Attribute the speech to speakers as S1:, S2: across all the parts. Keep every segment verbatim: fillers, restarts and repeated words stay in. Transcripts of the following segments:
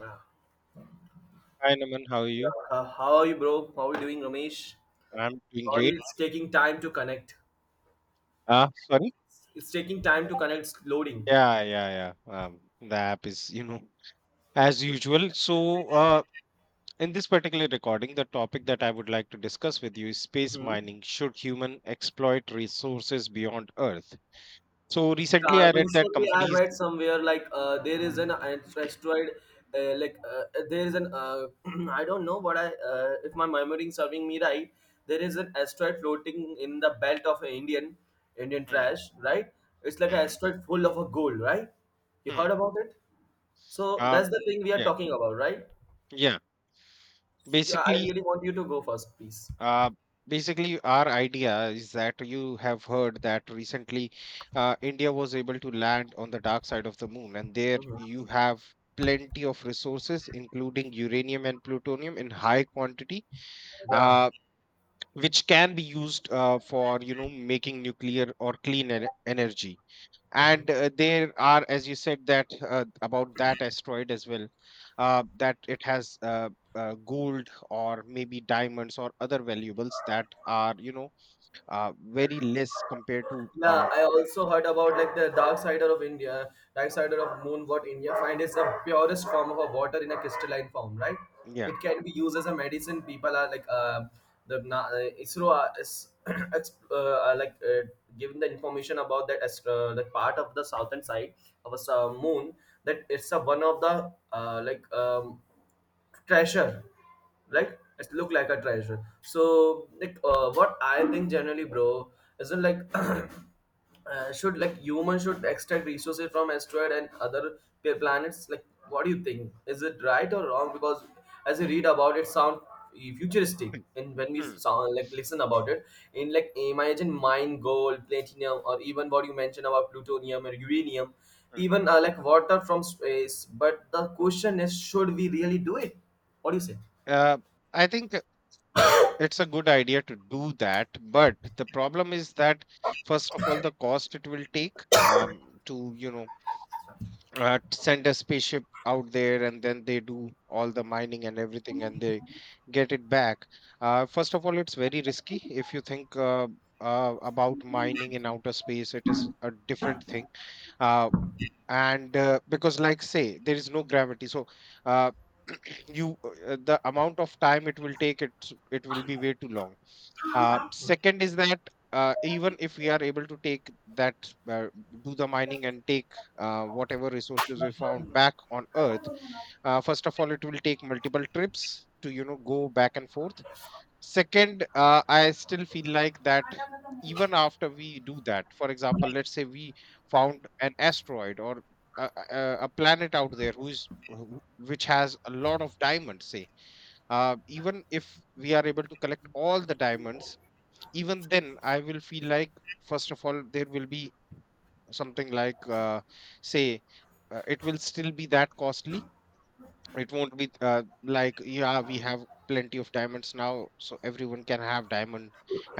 S1: Yeah.
S2: Hi, Naman. How are
S1: Yeah.
S2: you?
S1: Uh, how are you, bro? How are you doing, Ramesh?
S2: I'm doing
S1: Sorry,
S2: great.
S1: it's taking time to connect.
S2: Uh, sorry.
S1: It's taking time to connect. It's loading.
S2: Yeah, yeah, yeah. Um, the app is, you know, as usual. So, uh, in this particular recording, the topic that I would like to discuss with you is space
S1: Mm-hmm.
S2: mining. Should human exploit resources beyond Earth? So, recently
S1: Yeah,
S2: I read that
S1: recently I
S2: companies.
S1: read somewhere like uh, there is an uh, asteroid, uh, like uh, uh, there is an uh, I don't know what I uh, if my memory is serving me right. There is an asteroid floating in the belt of Indian Indian
S2: Hmm,
S1: trash, right? It's like an
S2: hmm,
S1: asteroid full of a gold, right? You
S2: hmm.
S1: heard about it? So
S2: Um,
S1: that's the thing we are
S2: yeah,
S1: talking about, right?
S2: yeah.
S1: Yeah, I
S2: Basically,
S1: really want you to go first, please.
S2: Uh, basically, our idea is that you have heard that recently uh, India was able to land on the dark side of the moon, and there
S1: Hmm.
S2: you have plenty of resources, including uranium and plutonium in high quantity,
S1: Yeah,
S2: uh, which can be used uh, for you know making nuclear or clean en- energy. And uh, there are, as you said, that uh, about that asteroid as well, uh, that it has uh, uh, gold or maybe diamonds or other valuables that are, you know uh, very less compared to.
S1: yeah.
S2: uh,
S1: I also heard about like the dark sider of India, dark sider of moon. What India find is the purest form of a water in a crystalline form, right?
S2: yeah
S1: It can be used as a medicine. People are like uh, the na- uh, ISRO are- is ex- uh, are, like uh, giving the information about that as uh, the part of the southern side of a s- uh, moon that it's a one of the uh, like um, treasure,
S2: Mm,
S1: like it look like a treasure. So like uh, what I think generally, bro, isn't like uh, should like humans should extract resources from asteroid and other p- planets. Like what do you think, is it right or wrong? Because as you read about it, sound futuristic,
S2: mm,
S1: and when we
S2: mm,
S1: sound like listen about it in, like, imagine mine gold, platinum, or even what you mentioned about plutonium or uranium,
S2: mm.
S1: even uh, like water from space. But the question is, should we really do it? What do
S2: uh, i think it's a good idea to do that, but the problem is that first of all the cost it will take, um, to, you know uh, send a spaceship out there, and then they do all the mining and everything, and they get it back. Uh, first of all, it's very risky if you think uh, uh, about mining in outer space. It is a different thing. Uh, and uh, because, like, say, there is no gravity. So uh, you uh, the amount of time it will take, it it will be way too long. Uh, second is that, uh, even if we are able to take that, uh, do the mining and take uh, whatever resources we found back on Earth. Uh, first of all, it will take multiple trips to, you know, go back and forth. Second, uh, I still feel like that even after we do that. For example, let's say we found an asteroid or a, a, a planet out there who is who- which has a lot of diamonds. Say, uh, even if we are able to collect all the diamonds, even then I will feel like first of all there will be something like, uh, say, uh, it will still be that costly. It won't be, uh, like, yeah, we have plenty of diamonds now, so everyone can have diamond,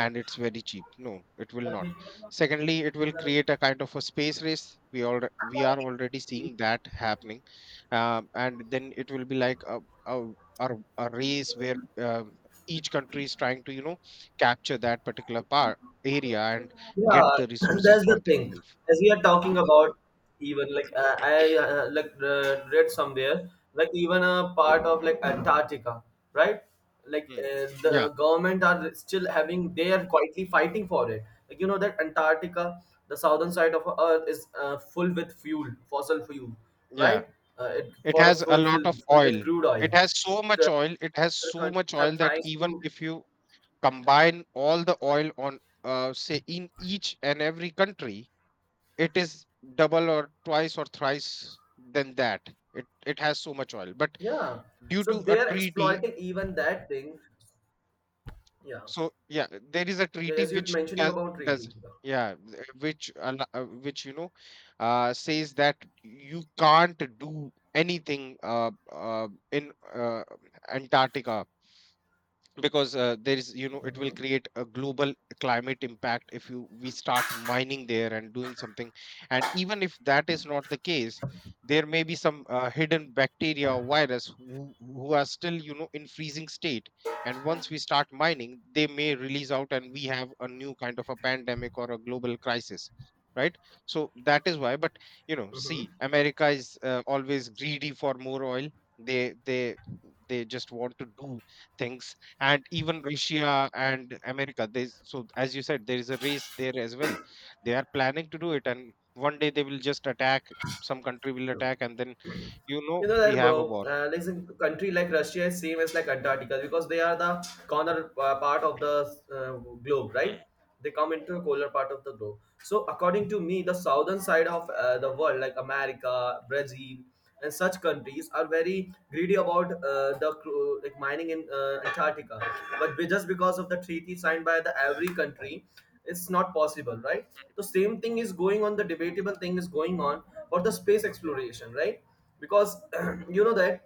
S2: and it's very cheap. No, it will not.
S1: you
S2: Secondly, it
S1: say?
S2: will create a kind of a space race. We all we are already seeing that happening. Um, and then it will be like a, a, a, a race where, um, each country is trying to, you know capture that particular part area and get
S1: Yeah,
S2: the resources
S1: that's
S2: for
S1: the thing.
S2: themselves.
S1: As we are talking about, even like uh, I uh, like uh, read somewhere, like even a part of
S2: Mm,
S1: like Antarctica, right? Like
S2: mm.
S1: uh,
S2: Yeah,
S1: the government are still having, they are quietly fighting for it. Like you know that Antarctica, the southern side of Earth is uh, full with fuel, fossil fuel,
S2: yeah.
S1: right? Uh, it,
S2: It
S1: for a
S2: has a
S1: full
S2: lot
S1: fill
S2: of
S1: full
S2: oil.
S1: with crude
S2: It
S1: oil.
S2: has
S1: So
S2: so much
S1: uh,
S2: oil. It has
S1: the
S2: so much
S1: countries are
S2: oil that
S1: trying
S2: even
S1: to,
S2: if you combine all the oil on, uh, say, in each and every country, it is double or twice or thrice than that. It it has so much oil. But
S1: yeah.
S2: due
S1: So
S2: to
S1: they
S2: a
S1: are
S2: treaty,
S1: exploiting even that thing. Yeah.
S2: so yeah, there is a
S1: Yeah,
S2: treaty
S1: as you're
S2: which
S1: mentioning
S2: does
S1: about
S2: does
S1: treaty.
S2: yeah, th- which al- uh, which you know, uh, says that you can't do anything uh, uh, in, uh, Antarctica, because uh, there is you know it will
S1: Mm-hmm.
S2: create a global climate impact, if you we start mining there and doing something. And even if that is not the case, there may be some uh, hidden bacteria or virus who, who are still, you know in freezing state. And once we start mining, they may release out, and we have a new kind of a pandemic or a global crisis, right? So that is why. But, you know see,
S1: Hmm.
S2: America is uh, always greedy for more oil. They they they just want to do things. And even Russia and America. There's so as you said, there is a race there as well. They are planning to do it, and one day they will just attack. Some country will attack, and then, you know
S1: You know
S2: we
S1: that,
S2: have a
S1: bro.
S2: war.
S1: Uh, like a country like Russia is same as like Antarctica because they are the corner uh, part of the uh, globe, right?
S2: Hmm.
S1: They come into the colder part of the globe. So according to me, the southern side of uh, the world, like America, Brazil, and such countries, are very greedy about uh, the cru- like mining in uh, Antarctica. But be- just because of the treaty signed by the every country, it's not possible, right? The same thing is going on, the debatable thing is going on for the space exploration, right? Because you know that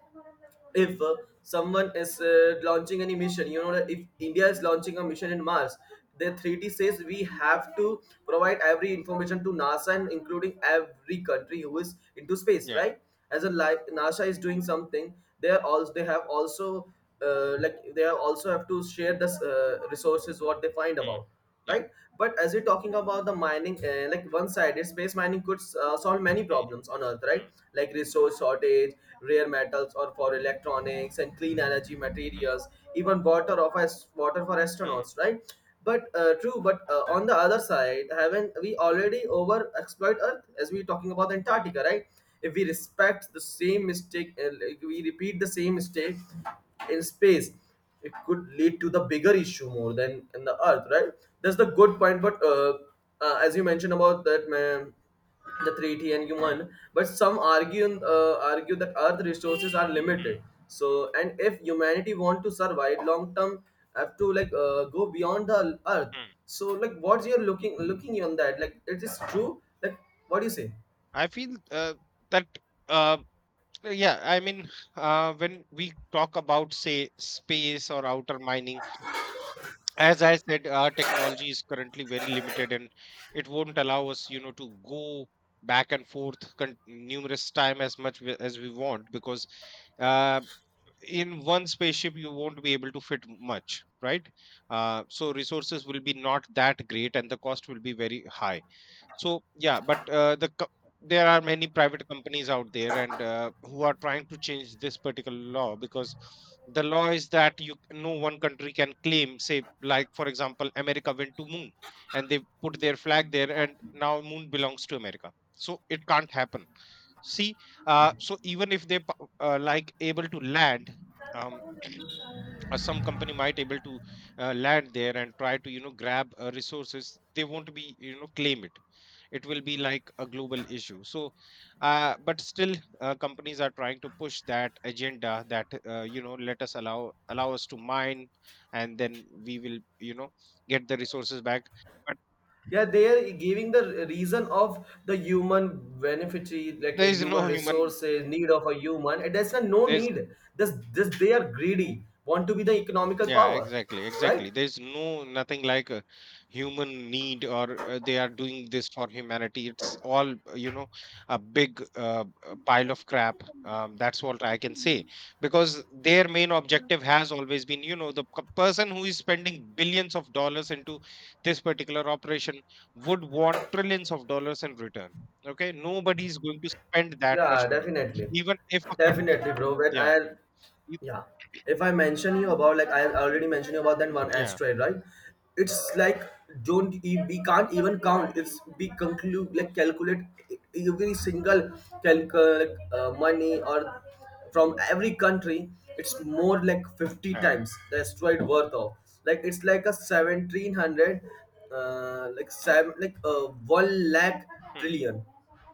S1: if uh, someone is uh, launching any mission, you know that if India is launching a mission in Mars, the three d says we have to provide every information to NASA and including every country who is into space,
S2: Yeah.
S1: right? As a, like NASA is doing something, they are also, they have also uh, like they are also have to share this uh, resources what they find
S2: Hmm.
S1: about,
S2: Yeah.
S1: right? But as we're talking about the mining, uh, like one sided space mining could uh, solve many
S2: Hmm.
S1: problems on earth,
S2: Hmm.
S1: right? Like resource shortage, rare metals or for electronics and clean energy
S2: Hmm.
S1: materials, even water of us, water for
S2: Hmm.
S1: astronauts, right? But uh, true, but uh, on the other side, haven't we already over exploit earth, as we're talking about
S2: Hmm.
S1: Antarctica, right? If we respect the same mistake, uh, like we repeat the same mistake in space, it could lead to the bigger issue more than in the earth, right? That's the good point. But uh, uh, as you mentioned about that, man, the treaty and human, but some argue, uh, argue that earth resources are limited, so, and if humanity want to survive long term, have to like uh, go beyond the earth.
S2: Hmm.
S1: So like what you're looking looking on that, like it is true, like what do you say?
S2: I feel, uh, that, uh, yeah, I mean, uh, when we talk about, say, space or outer mining. As I said, our technology is currently very limited, and it won't allow us, you know, to go back and forth con- numerous time, as much we- as we want. Because uh, in one spaceship you won't be able to fit much, right? Uh, so resources will be not that great, and the cost will be very high. So yeah, but uh, the co- there are many private companies out there, and, uh, who are trying to change this particular law, because the law is that you no one country can claim. Say, like, for example, America went to moon, and they put their flag there, and now moon belongs to America, so it can't happen, see. Uh, so even if they p- uh, like, able to land, um, or some company might able to uh, land there and try to, you know grab, uh, resources. They won't be, you know claim it. It will be like a global issue. So, uh, but still, uh, companies are trying to push that agenda that uh, you know let us allow allow us to mine, and then we will, you know get the resources back. But
S1: Yeah, they are giving the reason of the human benefit, like
S2: there
S1: a
S2: is
S1: human
S2: no human.
S1: resources need of a human, and there's a no
S2: There's
S1: need. This this they are greedy, want to be the economical
S2: Yeah,
S1: power,
S2: exactly, exactly.
S1: right?
S2: There's no nothing like a human need, or uh, they are doing this for humanity. It's all, uh, you know, a big, uh, uh, pile of crap. Um, that's what I can say, because their main objective has always been, you know, the c- person who is spending billions of dollars into this particular operation, would want trillions of dollars in return. Okay, nobody is going to spend that
S1: Yeah,
S2: much money,
S1: definitely.
S2: even if a country.
S1: Definitely, bro. When
S2: Yeah,
S1: I,
S2: e-
S1: yeah, if I mention you about, like I already mentioned you about that one
S2: yeah,
S1: asteroid, right? It's like, don't e- we can't even count it's, we conclude, like calculate e, every single calculate uh, money or from every country, it's more like fifty
S2: yeah.
S1: times the asteroid worth of, like it's like a seventeen hundred, uh, like seven, like uh, one lakh
S2: Hmm,
S1: trillion.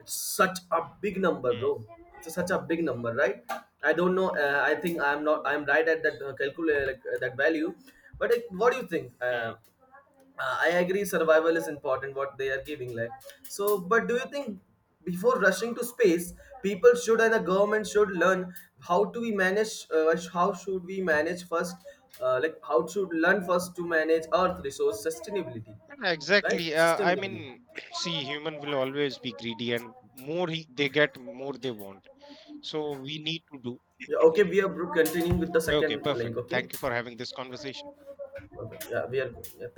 S1: It's such a big number,
S2: hmm,
S1: bro. It's such a big number, right? I don't know. Uh, I think I'm not. I'm right at that uh, calculate like, uh, that value. But like, what do you think? Uh,
S2: hmm.
S1: uh, I agree. Survival is important. What they are giving, like, so. But do you think before rushing to space, people should and the government should learn how to we manage? Uh, how should we manage first? Uh, like how should learn first to manage Earth resource sustainability,
S2: Yeah,
S1: right?
S2: exactly. Uh, I
S1: Sustainably.
S2: mean, see, human will always be greedy, and more he, they get, more they want. So we need to do.
S1: Yeah, okay, we are continuing with the
S2: Okay,
S1: second
S2: perfect.
S1: link, okay?
S2: Thank you for having this conversation.
S1: Okay, yeah, we are. Yeah,